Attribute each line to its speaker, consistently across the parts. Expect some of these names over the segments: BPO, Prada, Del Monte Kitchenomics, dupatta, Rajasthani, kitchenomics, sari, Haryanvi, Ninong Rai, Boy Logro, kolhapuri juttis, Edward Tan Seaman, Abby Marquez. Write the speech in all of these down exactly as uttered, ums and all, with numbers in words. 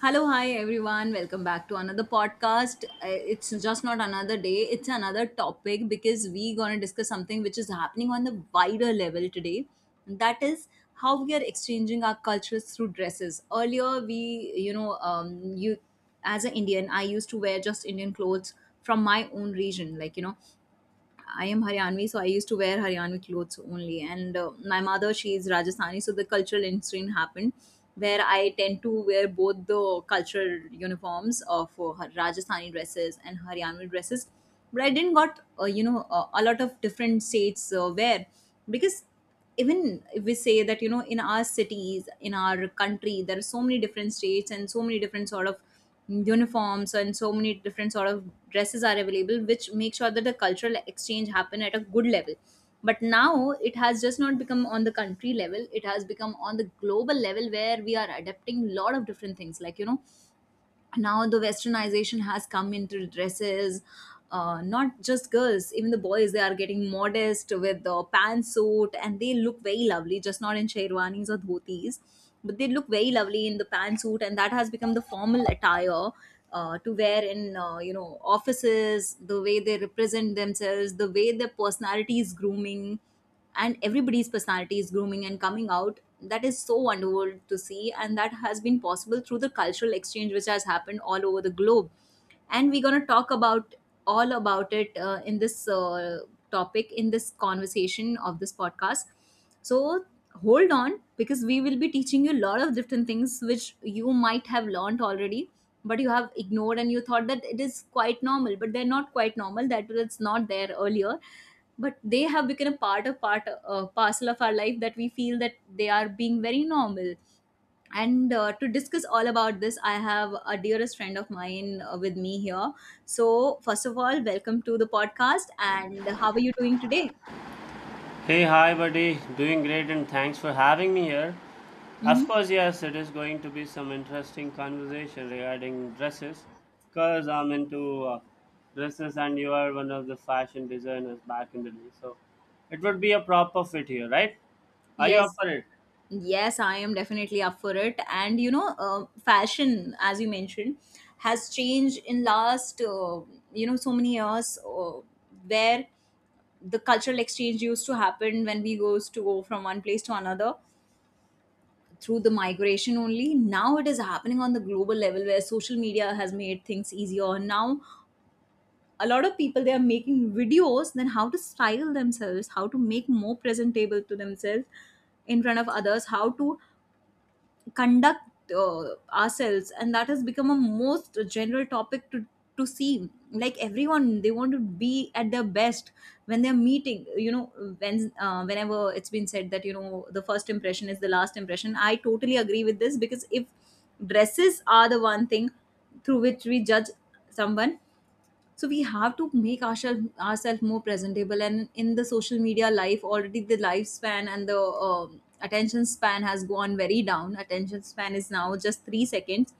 Speaker 1: Hello, hi everyone. Welcome back to another podcast. Uh, It's just not another day, it's another topic because we going to discuss something which is happening on the wider level today. And that is how we are exchanging our cultures through dresses. Earlier, we, you know, um, you as an Indian, I used to wear just Indian clothes from my own region, like, you know. I am Haryanvi, so I used to wear Haryanvi clothes only. And uh, my mother, she is Rajasthani, so the cultural incident happened where I tend to wear both the cultural uniforms of uh, Har- Rajasthani dresses and Haryanvi dresses. But I didn't got uh, you know uh, a lot of different states uh, wear, because even if we say that, you know, in our cities, in our country, there are so many different states and so many different sort of uniforms and so many different sort of dresses are available, which make sure that the cultural exchange happen at a good level. But now it has just not become on the country level, it has become on the global level, where we are adapting a lot of different things, like, you know, now the westernization has come into dresses. Uh, not just girls, even the boys, they are getting modest with the pantsuit, and they look very lovely just not in sherwanis or dhotis, but they look very lovely in the pantsuit, and that has become the formal attire uh, to wear in uh, you know offices. The way they represent themselves, the way their personality is grooming, and everybody's personality is grooming and coming out, that is so wonderful to see, and that has been possible through the cultural exchange which has happened all over the globe. And we're going to talk about all about it uh, in this uh, topic, in this conversation of this podcast. So hold on, because we will be teaching you a lot of different things which you might have learned already, but you have ignored, and you thought that it is quite normal, but they're not quite normal. That was not there earlier, but they have become a part of part uh, parcel of our life, that we feel that they are being very normal. And uh, to discuss all about this, I have a dearest friend of mine uh, with me here. So first of all, welcome to the podcast, and how are you doing today?
Speaker 2: Hey, hi, buddy. Doing great, and thanks for having me here. Of
Speaker 1: Hmm.
Speaker 2: course, yes, it is going to be some interesting conversation regarding dresses, because I'm into uh, dresses, and you are one of the fashion designers back in the day. So it would be a proper fit here, right? Are you up
Speaker 1: Yes,
Speaker 2: for it?
Speaker 1: yes, I am definitely up for it. And you know, uh, fashion, as you mentioned, has changed in last uh, you know so many years, uh, where the cultural exchange used to happen when we goes to go from one place to another through the migration only. Now it is happening on the global level where social media has made things easier. Now a lot of people, they are making videos then how to style themselves, how to make more presentable to themselves in front of others, how to conduct uh, ourselves, and that has become a most general topic to to see, like everyone they want to be at their best when they're meeting, you know, when uh, whenever it's been said that you know the first impression is the last impression, I totally agree with this, because if dresses are the one thing through which we judge someone, so we have to make ourselves ourselves more presentable. And in the social media life, already the lifespan and the um attention span has gone very down. Attention span is now just three seconds,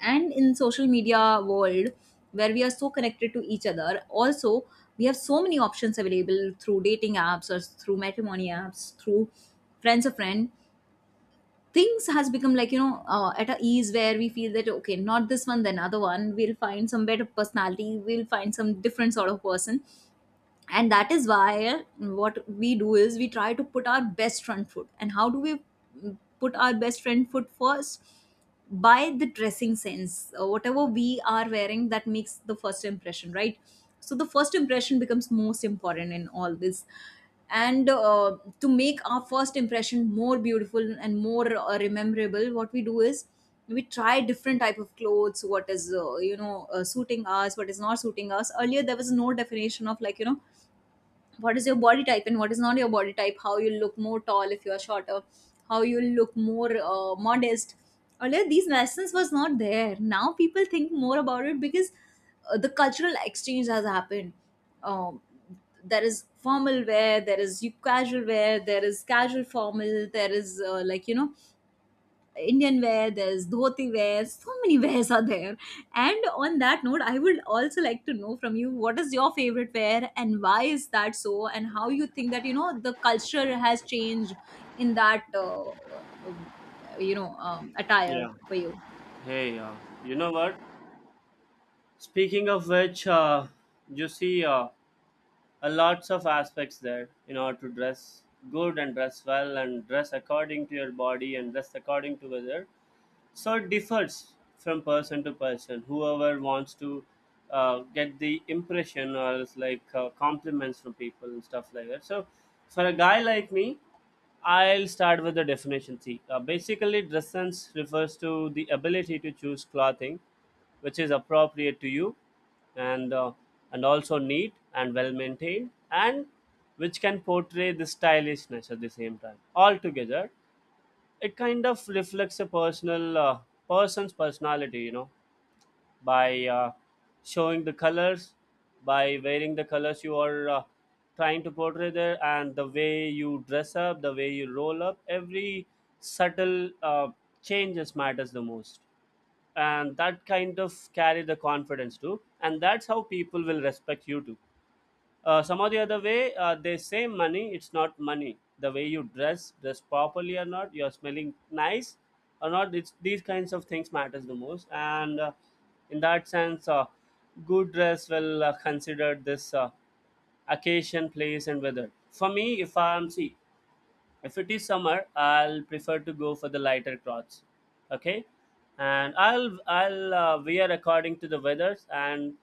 Speaker 1: and in social media world, where we are so connected to each other also, we have so many options available through dating apps or through matrimony apps, through friends of friend. Things has become like, you know, uh, at a ease, where we feel that okay, not this one then other one, we'll find some better personality, we'll find some different sort of person. And that is why what we do is we try to put our best front foot. And how do we mm, put our best front foot first? By the dressing sense, uh, whatever we are wearing, that makes the first impression, right? So the first impression becomes most important in all this. And uh, to make our first impression more beautiful and more uh, rememberable, what we do is we try different type of clothes, what is uh, you know uh, suiting us, what is not suiting us. Earlier there was no definition of, like, you know, what is your body type and what is not your body type, how you look more tall if you are shorter, how you look more uh, modest. Earlier these lessons was not there, now people think more about it, because uh, the cultural exchange has happened. um, there is formal wear, there is casual wear, there is casual formal, there is uh, like you know Indian wear, there's dhoti wear, so many wears are there. And on that note, I would also like to know from you, what is your favorite wear and why is that so, and how you think that you know the culture has changed in that uh, uh, you know um, attire
Speaker 2: Yeah.
Speaker 1: for you.
Speaker 2: Hey, uh, you know what? Speaking of which, uh, you see, uh, a lots of aspects there you know to dress good and dress well and dress according to your body and dress according to weather, so it differs from person to person whoever wants to uh, get the impression or else like uh, compliments from people and stuff like that. So for a guy like me, I'll start with the definition. See, uh, basically, dress sense refers to the ability to choose clothing which is appropriate to you, and uh, and also neat and well maintained, and which can portray the stylishness at the same time. Altogether, it kind of reflects a personal uh, person's personality. You know, by uh, showing the colors, by wearing the colors you are uh, trying to portray there, and the way you dress up, the way you roll up, every subtle uh, changes matters the most, and that kind of carry the confidence too, and that's how people will respect you too. Uh, some of the other way, uh, they say money, it's not money. The way you dress, dress properly or not, you're smelling nice or not, it's, these kinds of things matters the most. And uh, In that sense, uh, good dress will uh, consider this uh, occasion, place and weather. For me, if I'm, see, if it is summer, I'll prefer to go for the lighter clothes. Okay? and I'll I'll uh, wear according to the weathers, and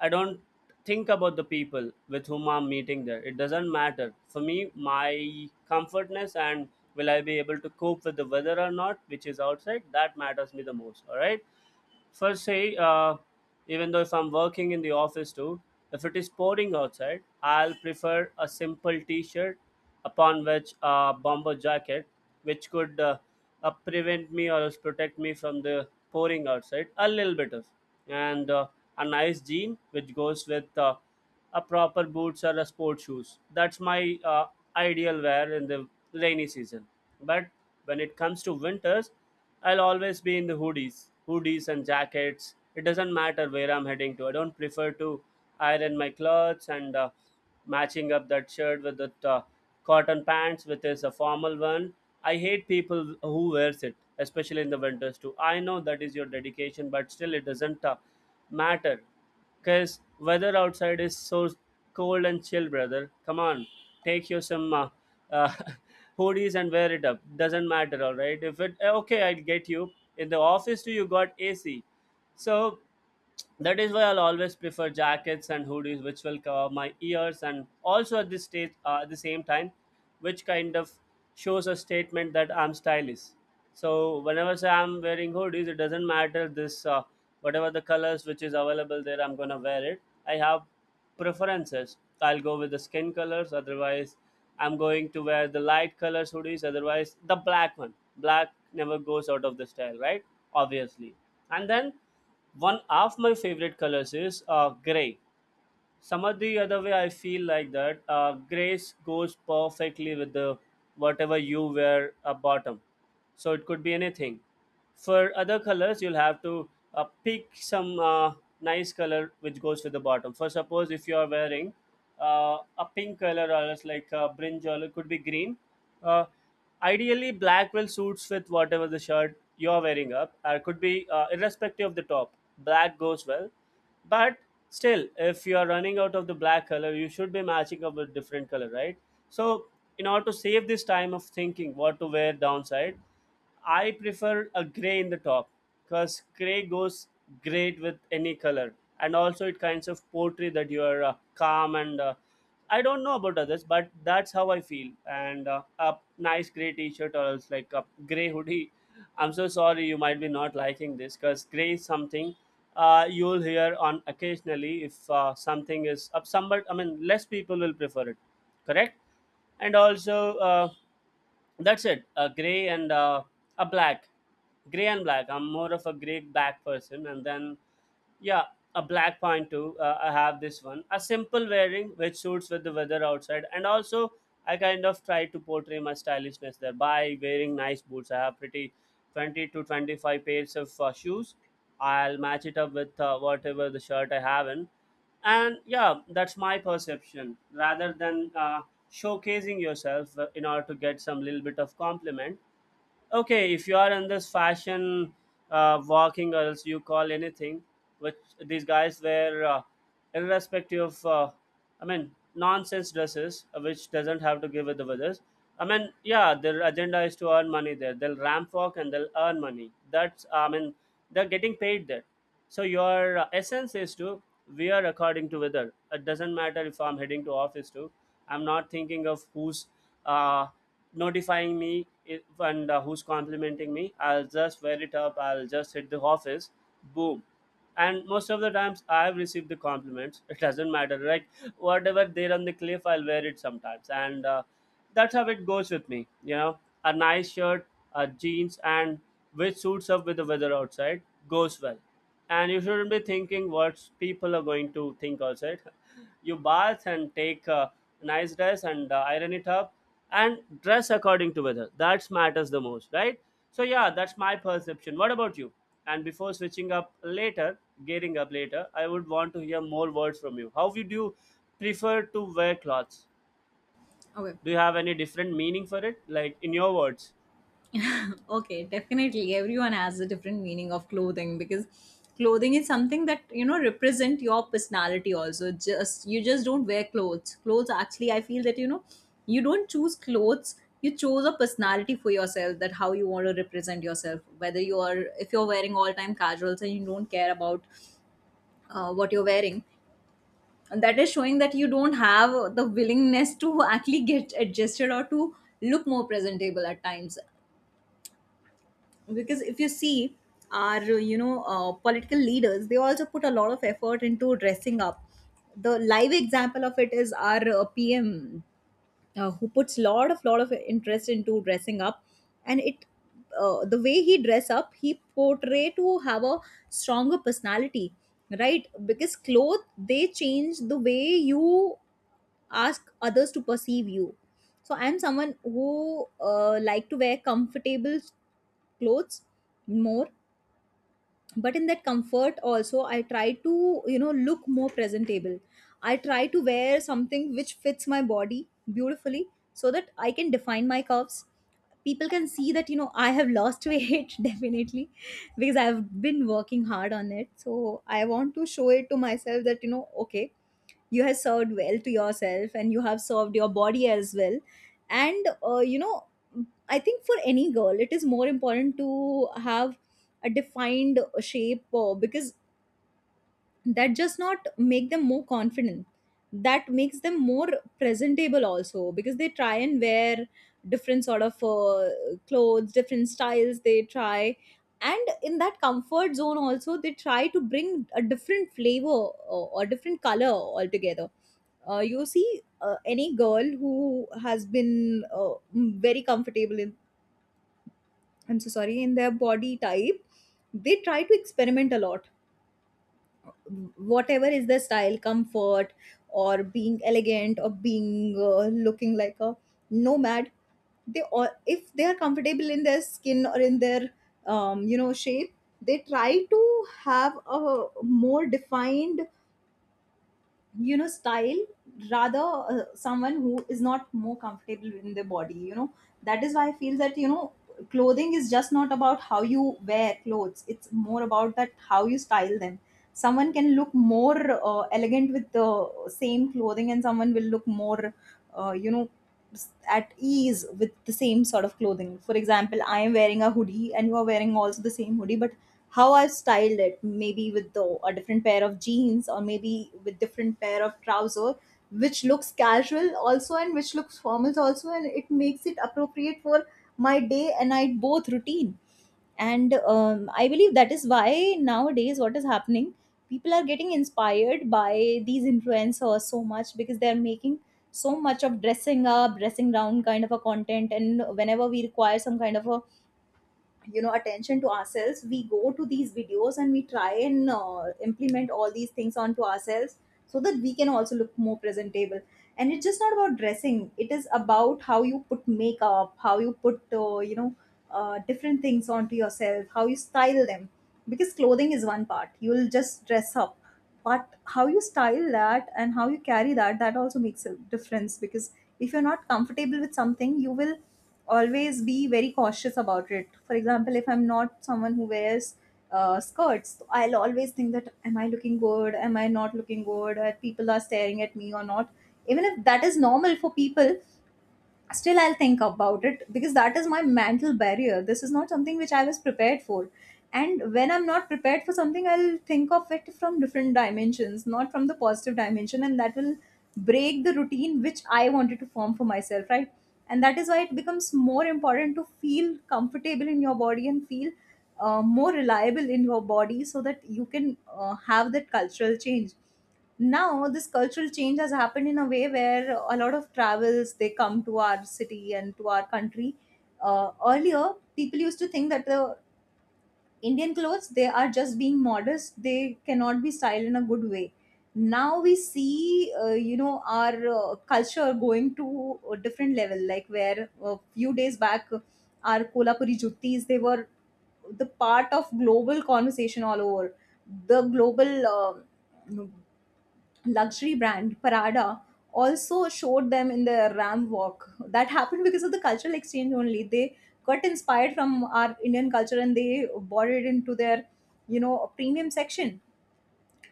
Speaker 2: I don't think about the people with whom I'm meeting there. It doesn't matter. For me, my comfortness, and will I be able to cope with the weather or not, which is outside, that matters me the most. All right. First, say, uh, even though if I'm working in the office too, if it is pouring outside, I'll prefer a simple T-shirt upon which a bomber jacket, which could uh, uh, prevent me or else protect me from the pouring outside a little bit of, and uh, a nice jean which goes with uh, a proper boots or a sport shoes. That's my uh, ideal wear in the rainy season. But when it comes to winters, I'll always be in the hoodies, hoodies and jackets. It doesn't matter where I'm heading to. I don't prefer to iron my clothes and uh, matching up that shirt with the uh, cotton pants, which is a formal one. I hate people who wears it, especially in the winters too. I know that is your dedication, but still it doesn't uh, matter. Cause weather outside is so cold and chill, brother. Come on, take your some uh, uh, hoodies and wear it up. Doesn't matter, all right. If it eh, okay, I'll get you. In the office too, you got A C. So that is why I'll always prefer jackets and hoodies, which will cover my ears, and also at this stage, uh, at the same time, which kind of shows a statement that I'm stylish. So whenever say I'm wearing hoodies, it doesn't matter this uh, whatever the colors which is available there, I'm gonna wear it. I have preferences. I'll go with the skin colors. Otherwise, I'm going to wear the light colors hoodies. Otherwise, the black one. Black never goes out of the style, right? Obviously. And then one of my favorite colors is uh, gray. Some of the other way I feel like that uh, gray goes perfectly with the whatever you wear a bottom, so it could be anything. For other colors you'll have to uh, pick some uh, nice color which goes with the bottom. For suppose if you are wearing uh, a pink color or else like a brinjal, it could be green. uh, Ideally black will suits with whatever the shirt you're wearing up, or could be uh, irrespective of the top, black goes well. But still if you are running out of the black color, you should be matching up with different color, right? So in order to save this time of thinking what to wear downside, I prefer a gray in the top, because gray goes great with any color, and also it kinds of portray that you are uh, calm and. Uh, I don't know about others, but that's how I feel. And uh, a nice gray T-shirt or else like a gray hoodie. I'm so sorry you might be not liking this because gray is something uh, you'll hear on occasionally if uh, something is up. Somebody, I mean, less people will prefer it, correct? And also, uh, that's it, a gray and uh, a black, gray and black I'm more of a gray black person. And then yeah, a black pantu. Uh, I have this one. A simple wearing which suits with the weather outside, and also I kind of try to portray my stylishness there by wearing nice boots. I have pretty twenty to twenty-five pairs of uh, shoes. I'll match it up with uh, whatever the shirt I have in, and yeah, that's my perception. Rather than uh, showcasing yourself uh, in order to get some little bit of compliment, okay, if you are in this fashion uh, walking or else you call anything which these guys wear, uh, irrespective of uh, I mean nonsense dresses, uh, which doesn't have to give with the others. I mean, yeah, their agenda is to earn money there, they'll ramp walk and they'll earn money, that's, I mean, they're getting paid there. So your uh, essence is to wear according to weather. It doesn't matter if I'm heading to office too, I'm not thinking of who's uh, notifying me i- and uh, who's complimenting me. I'll just wear it up, I'll just hit the office, boom. And most of the times I've received the compliments, it doesn't matter, right? Whatever there on the cliff I'll wear it sometimes, and uh, that's how it goes with me, you know. A nice shirt, a jeans, and which suits up with the weather outside, goes well. And you shouldn't be thinking what people are going to think outside. You bath and take a nice dress and uh, iron it up, and dress according to weather, that matters the most, right? So yeah, that's my perception. What about you? And before switching up later, getting up later, I would want to hear more words from you. How would you prefer to wear clothes?
Speaker 1: Okay.
Speaker 2: Do you have any different meaning for it like in your words?
Speaker 1: Okay, definitely. Everyone has a different meaning of clothing, because clothing is something that you know represent your personality. Also, just you just don't wear clothes. Clothes actually, I feel that you know you don't choose clothes. You chose a personality for yourself, that how you want to represent yourself. Whether you are, if you're wearing all time casuals and you don't care about uh, what you're wearing, and that is showing that you don't have the willingness to actually get adjusted or to look more presentable at times. Because if you see our you know uh, political leaders, they also put a lot of effort into dressing up. The live example of it is our uh, PM, uh, who puts lot of lot of interest into dressing up. And it uh, the way he dress up, he portray to have a stronger personality, right? Because clothes, they change the way you ask others to perceive you. So I'm someone who uh, like to wear comfortable clothes more, but in that comfort also I try to you know look more presentable. I try to wear something which fits my body beautifully, so that I can define my curves, people can see that you know I have lost weight definitely, because I've been working hard on it. So I want to show it to myself that you know okay, you have served well to yourself and you have served your body as well. And uh, you know, I think for any girl it is more important to have a defined shape, uh, because that just not make them more confident, that makes them more presentable also, because they try and wear different sort of uh, clothes, different styles they try, and in that comfort zone also they try to bring a different flavor or, or different color altogether. Uh, you see, uh, any girl who has been uh, very comfortable in, I'm so sorry, in their body type, they try to experiment a lot, whatever is their style comfort, or being elegant or being uh, looking like a nomad, they all, if they are comfortable in their skin or in their um, you know shape, they try to have a more defined you know style, rather uh, someone who is not more comfortable in their body, you know. That is why I feel that you know clothing is just not about how you wear clothes, it's more about that how you style them. Someone can look more uh, elegant with the same clothing, and someone will look more uh, you know s- at ease with the same sort of clothing. For example, I am wearing a hoodie and you are wearing also the same hoodie, but how I've styled it, maybe with the, a different pair of jeans or maybe with different pair of trouser, which looks casual also and which looks formal also, and it makes it appropriate for my day and night both routine. And um, I believe that is why nowadays what is happening, people are getting inspired by these influencers so much because they are making so much of dressing up, dressing down kind of a content, and whenever we require some kind of a you know attention to ourselves we go to these videos and we try and uh, implement all these things onto ourselves so that we can also look more presentable. And it's just not about dressing, it is about how you put makeup, how you put uh, you know uh, different things onto yourself, how you style them, because clothing is one part, you'll just dress up, but how you style that and how you carry that, that also makes a difference. Because if you're not comfortable with something you will always be very cautious about it. For example, if I'm not someone who wears uh, skirts, so I'll always think that am I looking good, am I not looking good, are people are staring at me or not, even if that is normal for people, still I'll think about it because that is my mental barrier. This is not something which I was prepared for, and when I'm not prepared for something, I'll think of it from different dimensions, not from the positive dimension, and that will break the routine which I wanted to form for myself, right? And that is why it becomes more important to feel comfortable in your body and feel uh, more reliable in your body so that you can uh, have that cultural change. Now this cultural change has happened in a way where a lot of travels they come to our city and to our country. Uh, earlier people used to think that the Indian clothes, they are just being modest, they cannot be styled in a good way. Now we see uh, you know our uh, culture going to a different level, like where a few days back our Kolhapuri juttis, they were the part of global conversation all over. The global um luxury brand Prada also showed them in the Ram Walk. That happened because of the cultural exchange only. They got inspired from our Indian culture and they brought it into their, you know, premium section,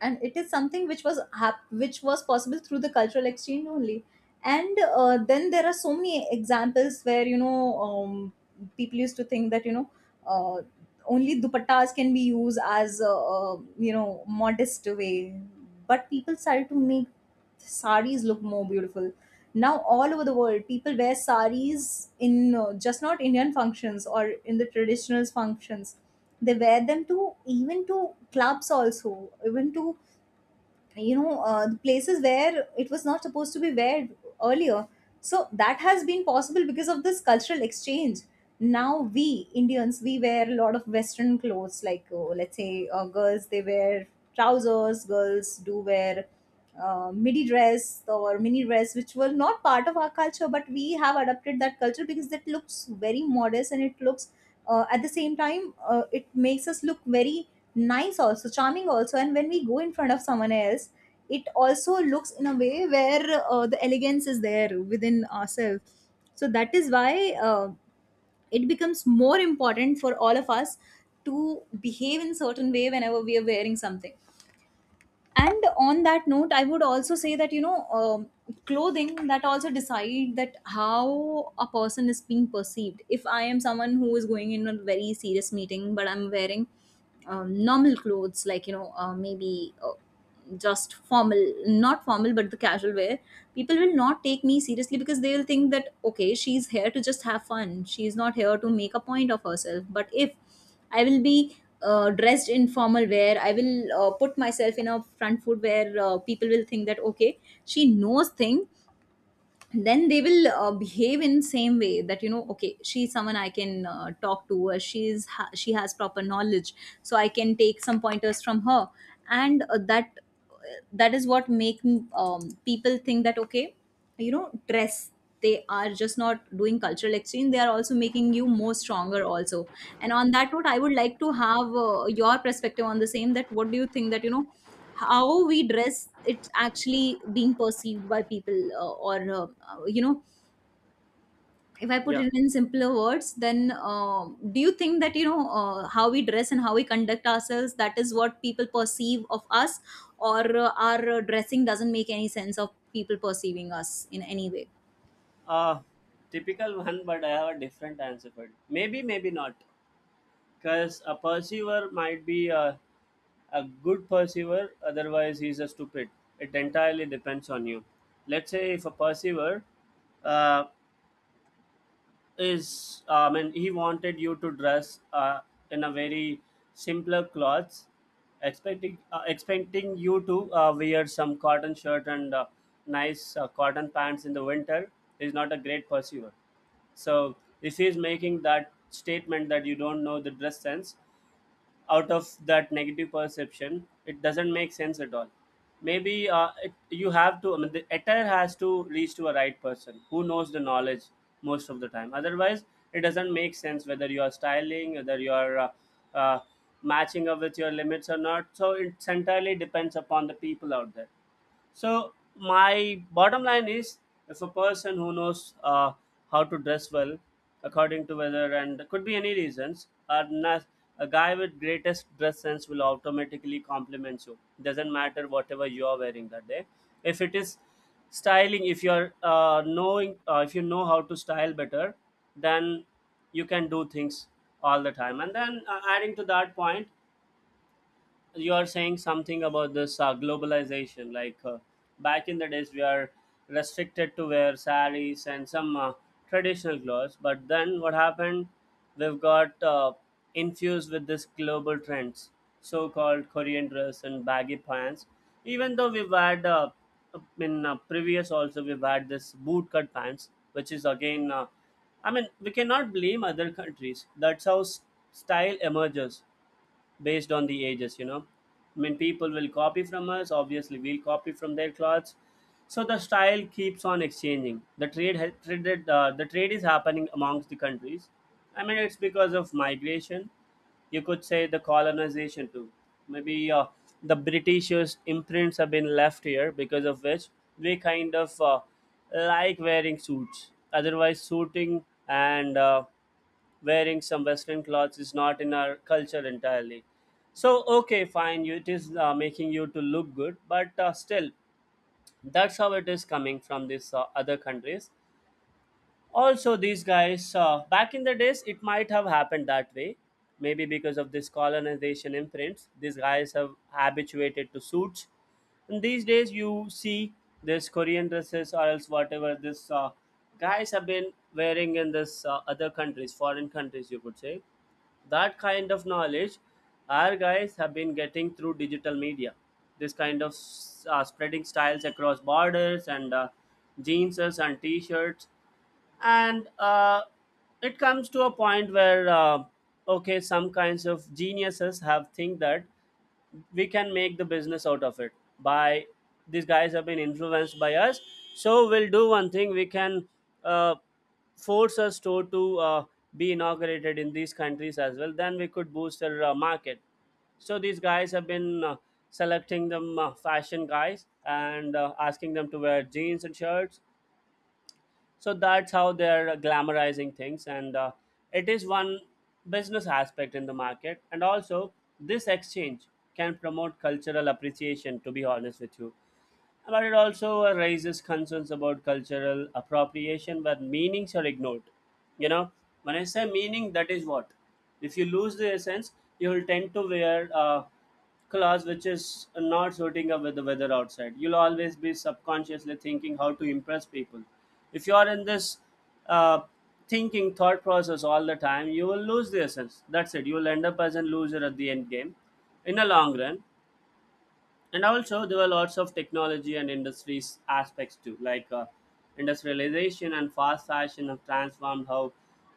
Speaker 1: and it is something which was hap- which was possible through the cultural exchange only. And uh, then there are so many examples where you know um, people used to think that you know uh, only dupattas can be used as a, uh, you know modest way. But people started to make saris look more beautiful. Now all over the world people wear saris in uh, just not Indian functions or in the traditional functions, they wear them to even to clubs also, even to you know uh, the places where it was not supposed to be, where earlier. So that has been possible because of this cultural exchange. Now we Indians, we wear a lot of western clothes, like uh, let's say uh, girls they wear trousers, girls do wear uh, midi dress or mini dress, which were not part of our culture, but we have adopted that culture because that looks very modest, and it looks uh, at the same time uh, it makes us look very nice also, charming also, and when we go in front of someone else it also looks in a way where uh, the elegance is there within ourselves. So that is why uh, it becomes more important for all of us to behave in certain way whenever we are wearing something. And on that note, I would also say that you know um, clothing that also decide that how a person is being perceived. If I am someone who is going in a very serious meeting, but I'm wearing um, normal clothes, like you know uh, maybe uh, just formal, not formal, but the casual wear, people will not take me seriously because they will think that okay, she's here to just have fun, she's not here to make a point of herself. But if I will be uh, dressed in formal wear, I will uh, put myself in a front foot, where uh, people will think that okay, she knows thing, then they will uh, behave in same way that you know, okay, she's someone I can uh, talk to, or she's ha- she has proper knowledge, so I can take some pointers from her. And uh, that uh, that is what make um, people think that okay, you know, dress, they are just not doing cultural exchange, they are also making you more stronger also. And on that note, I would like to have uh, your perspective on the same, that what do you think that you know, how we dress, it's actually being perceived by people, uh, or uh, uh, you know, if I put
Speaker 2: Yeah.
Speaker 1: it in simpler words, then um do you think that you know, uh, how we dress and how we conduct ourselves, that is what people perceive of us, or uh, our uh, dressing doesn't make any sense of people perceiving us in any way?
Speaker 2: uh Typical one, but I have a different answer for it, maybe maybe not. Because a perceiver might be a, a good perceiver, otherwise, he's a stupid. It entirely depends on you. Let's say if a perceiver uh, is, I mean, he wanted you to dress uh, in a very simpler clothes, expecting uh, expecting you to uh, wear some cotton shirt and uh, nice uh, cotton pants in the winter is not a great perceiver. So if he's making that statement that you don't know the dress sense, out of that negative perception it doesn't make sense at all. Maybe uh, it, you have to, I mean, the attire has to reach to a right person who knows the knowledge most of the time. Otherwise it doesn't make sense whether you are styling, whether you are uh, uh, matching up with your limits or not. So it's entirely depends upon the people out there. So my bottom line is, if a person who knows uh, how to dress well, according to weather and could be any reasons, or not, a guy with greatest dress sense will automatically compliment you. Doesn't matter whatever you are wearing that day. If it is styling, if you're uh, knowing, uh, if you know how to style better, then you can do things all the time. And then uh, Adding to that point, you are saying something about this uh, globalization, like, uh, back in the days we are restricted to wear saris and some uh, traditional clothes, but then what happened, we've got uh, infused with this global trends, so called Korean dress and baggy pants. Even though we've had uh, in uh, previous also we've had this bootcut pants, which is again, uh, I mean we cannot blame other countries. That's how s- style emerges based on the ages, you know. I mean, people will copy from us, obviously we'll copy from their clothes. So the style keeps on exchanging. The trade ha- traded uh, the trade is happening amongst the countries. I mean, it's because of migration. You could say the colonization too. Maybe uh, the britishers imprints have been left here, because of which we kind of, uh, like wearing suits. Otherwise, suiting and uh, wearing some western clothes is not in our culture entirely. So okay, fine, you, it is uh, making you to look good, but uh, still that's how it is coming from these uh, other countries. Also these guys uh, back in the days, it might have happened that way. Maybe because of this colonization imprints, these guys have habituated to suits. And these days you see this Korean dresses, or else whatever this uh, guys have been wearing in this uh, other countries, foreign countries you could say. That kind of knowledge our guys have been getting through digital media, this kind of uh, spreading styles across borders, and uh, jeanses and t-shirts. And uh, it comes to a point where, uh, okay, some kinds of geniuses have think that we can make the business out of it. By, these guys have been influenced by us, so we'll do one thing. We can, uh, force a store to uh, be inaugurated in these countries as well, then we could boost our uh, market. So these guys have been uh, selecting them uh, fashion guys and uh, asking them to wear jeans and shirts. So that's how they're glamorizing things, and uh, it is one business aspect in the market. And also this exchange can promote cultural appreciation, to be honest with you. But it also uh, raises concerns about cultural appropriation where meanings are ignored. You know, when I say meaning, that is what? If you lose the essence, you will tend to wear uh, clothes which is not suiting up with the weather outside. You'll always be subconsciously thinking how to impress people. If you are in this uh, thinking thought process all the time, you will lose the essence. That's it. You will end up as a loser at the end game in the long run. And also there were lots of technology and industries aspects too, like uh, industrialization and fast fashion have transformed how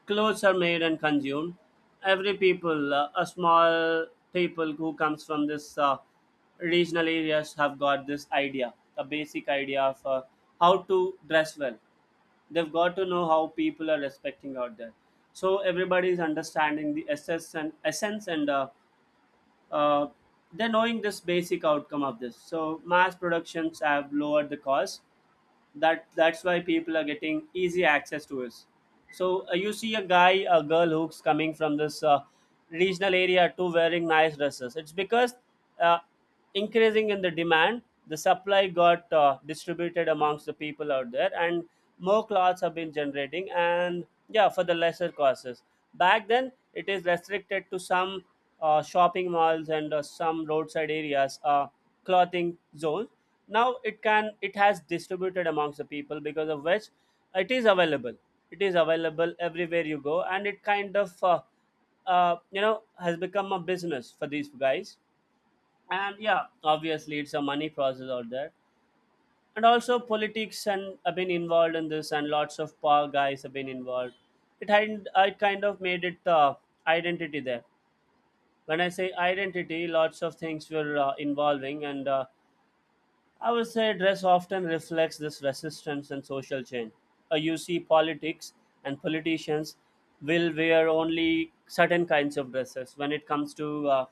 Speaker 2: clothes are made and consumed. Every people, uh, a small people who comes from this uh, regional areas have got this idea, a basic idea of uh, how to dress well. They've got to know how people are respecting out there. So everybody is understanding the essence and essence, and uh, uh, they're knowing this basic outcome of this. So mass productions have lowered the cost. That that's why people are getting easy access to us. So uh, you see a guy, a girl who's coming from this uh, regional area to wearing nice dresses, it's because, uh, increasing in the demand, the supply got uh, distributed amongst the people out there, and more clothes have been generating, and yeah, for the lesser costs. Back then it is restricted to some uh, shopping malls and uh, some roadside areas, uh, clothing zones. Now it can it has distributed amongst the people, because of which it is available. It is available everywhere you go, and it kind of, uh, uh, you know has become a business for these guys. And yeah, obviously it's a money process out there. And also politics and have been involved in this, and lots of power guys have been involved. It had i kind of made it uh, identity there. When I say identity, lots of things were uh, involving, and uh, I would say dress often reflects this resistance and social change. Uh, you see, politics and politicians will wear only certain kinds of dresses. When it comes to uh,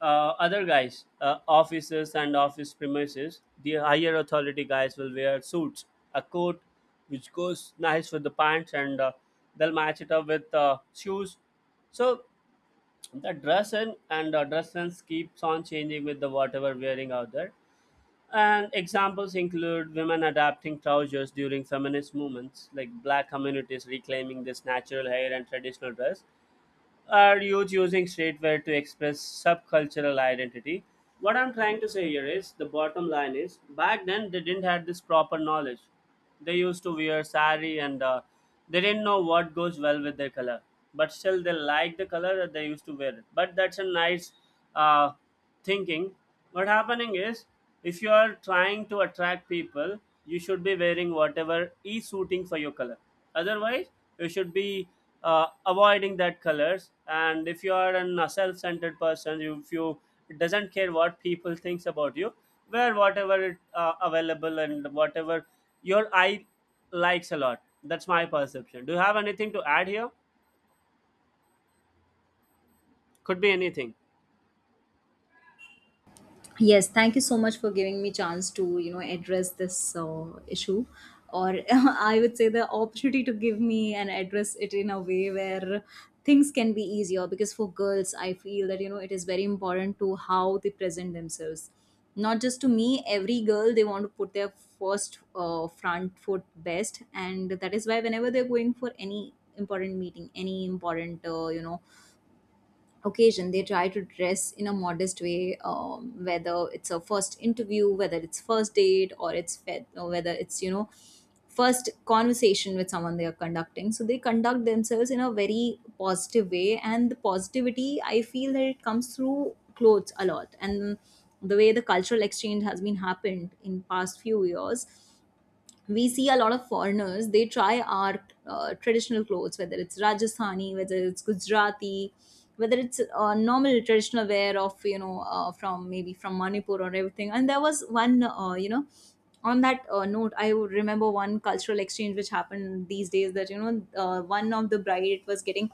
Speaker 2: uh, other guys, uh, offices and office premises, the higher authority guys will wear suits, a coat which goes nice with the pants, and uh, they'll match it up with uh, shoes. So the dress and and uh, dress sense keeps on changing with the whatever wearing out there. And examples include women adapting trousers during feminist movements, like black communities reclaiming this natural hair and traditional dress, or youth using streetwear to express subcultural identity. What I'm trying to say here is, the bottom line is, back then they didn't have this proper knowledge. They used to wear sari, and uh, they didn't know what goes well with their color. But still, they liked the color that they used to wear it. But that's a nice, uh, thinking. What happening is, if you are trying to attract people, you should be wearing whatever is suiting for your color. Otherwise, you should be uh, avoiding that colors. And if you are an- a self-centered person, you- if you, it doesn't care what people thinks about you, wear whatever it uh, available, and whatever your eye likes a lot. That's my perception. Do you have anything to add here? Could be anything?
Speaker 1: Yes, thank you so much for giving me chance to you know address this uh, issue, or I would say the opportunity to give me and address it in a way where things can be easier. Because for girls, I feel that you know it is very important to how they present themselves. Not just to me, every girl they want to put their first uh, front foot best, and that is why whenever they're going for any important meeting, any important uh, you know occasion, they try to dress in a modest way. Um, whether it's a first interview, whether it's first date, or it's fe- or whether it's you know first conversation with someone they are conducting, so they conduct themselves in a very positive way, and the positivity, I feel that it comes through clothes a lot. And the way the cultural exchange has been happened in past few years, we see a lot of foreigners, they try our uh, traditional clothes, whether it's Rajasthani, whether it's Gujarati, whether it's uh, normal traditional wear of you know uh, from maybe from Manipur or everything. And there was one uh, you know on that uh, note I would remember one cultural exchange which happened these days, that you know, uh, one of the bride, it was getting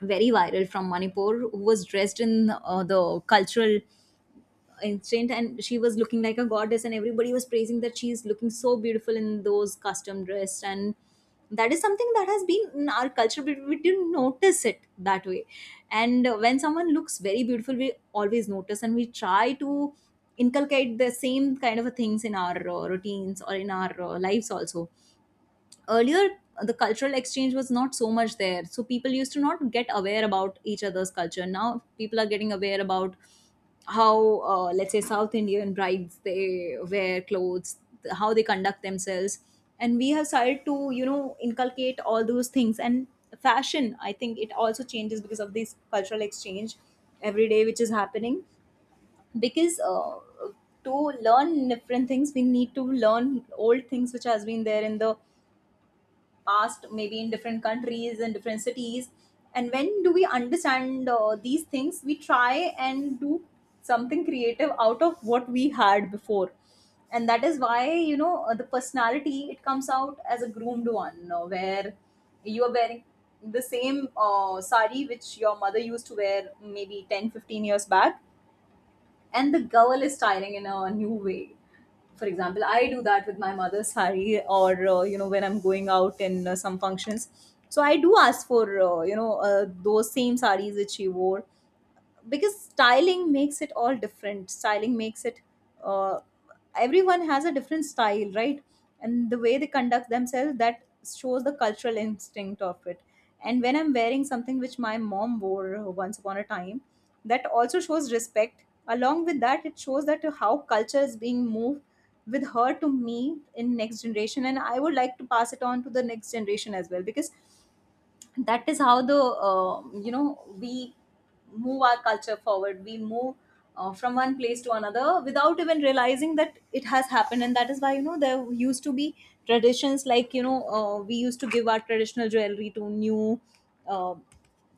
Speaker 1: very viral from Manipur, who was dressed in uh, the cultural instant, and she was looking like a goddess, and everybody was praising that she's looking so beautiful in those custom dress. And that is something that has been in our culture, but we didn't notice it that way. And uh, when someone looks very beautiful, we always notice, and we try to inculcate the same kind of things in our uh, routines or in our uh, lives also. Earlier the cultural exchange was not so much there, so people used to not get aware about each other's culture. Now people are getting aware about how, uh, let's say south Indian brides, they wear clothes, th- how they conduct themselves, and we have started to you know inculcate all those things. And fashion, I think it also changes because of this cultural exchange every day which is happening. Because uh, to learn different things, we need to learn old things which has been there in the past, maybe in different countries and different cities. And when do we understand uh, these things, we try and do something creative out of what we had before. And that is why you know uh, the personality, it comes out as a groomed one, uh, where you are wearing the same uh, sari which your mother used to wear maybe ten fifteen years back, and the girl is styling in a new way. For example, I do that with my mother's sari, or uh, you know when I'm going out in uh, some functions, so I do ask for uh, you know uh, those same saris that she wore. Because styling makes it all different, styling makes it uh, everyone has a different style, right? And the way they conduct themselves, that shows the cultural instinct of it. And when I'm wearing something which my mom wore once upon a time, that also shows respect, along with that it shows that how culture is being moved with her to me in next generation, and I would like to pass it on to the next generation as well. Because that is how the uh, you know we move our culture forward, we move uh, from one place to another without even realizing that it has happened. And that is why you know there used to be traditions like you know uh, we used to give our traditional jewelry to new uh,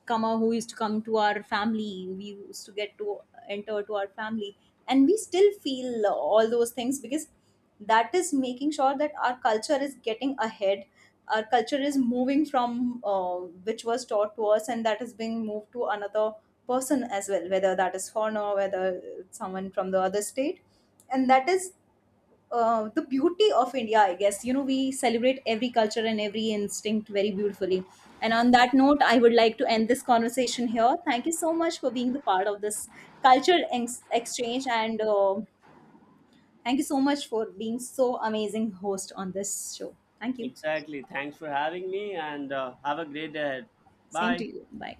Speaker 1: come who used to come to our family, we used to get to enter to our family, and we still feel uh, all those things because that is making sure that our culture is getting ahead. Our culture is moving from uh, which was taught to us, and that is being moved to another person as well, whether that is foreigner, whether it's someone from the other state. And that is uh, the beauty of India, I guess. You know, we celebrate every culture and every instinct very beautifully. And on that note, I would like to end this conversation here. Thank you so much for being the part of this cultural ex- exchange, and uh, thank you so much for being so amazing host on this show. Thank you.
Speaker 2: Exactly. Thanks for having me, and uh, have a great day ahead.
Speaker 1: Same to
Speaker 2: Bye.
Speaker 1: you. Bye.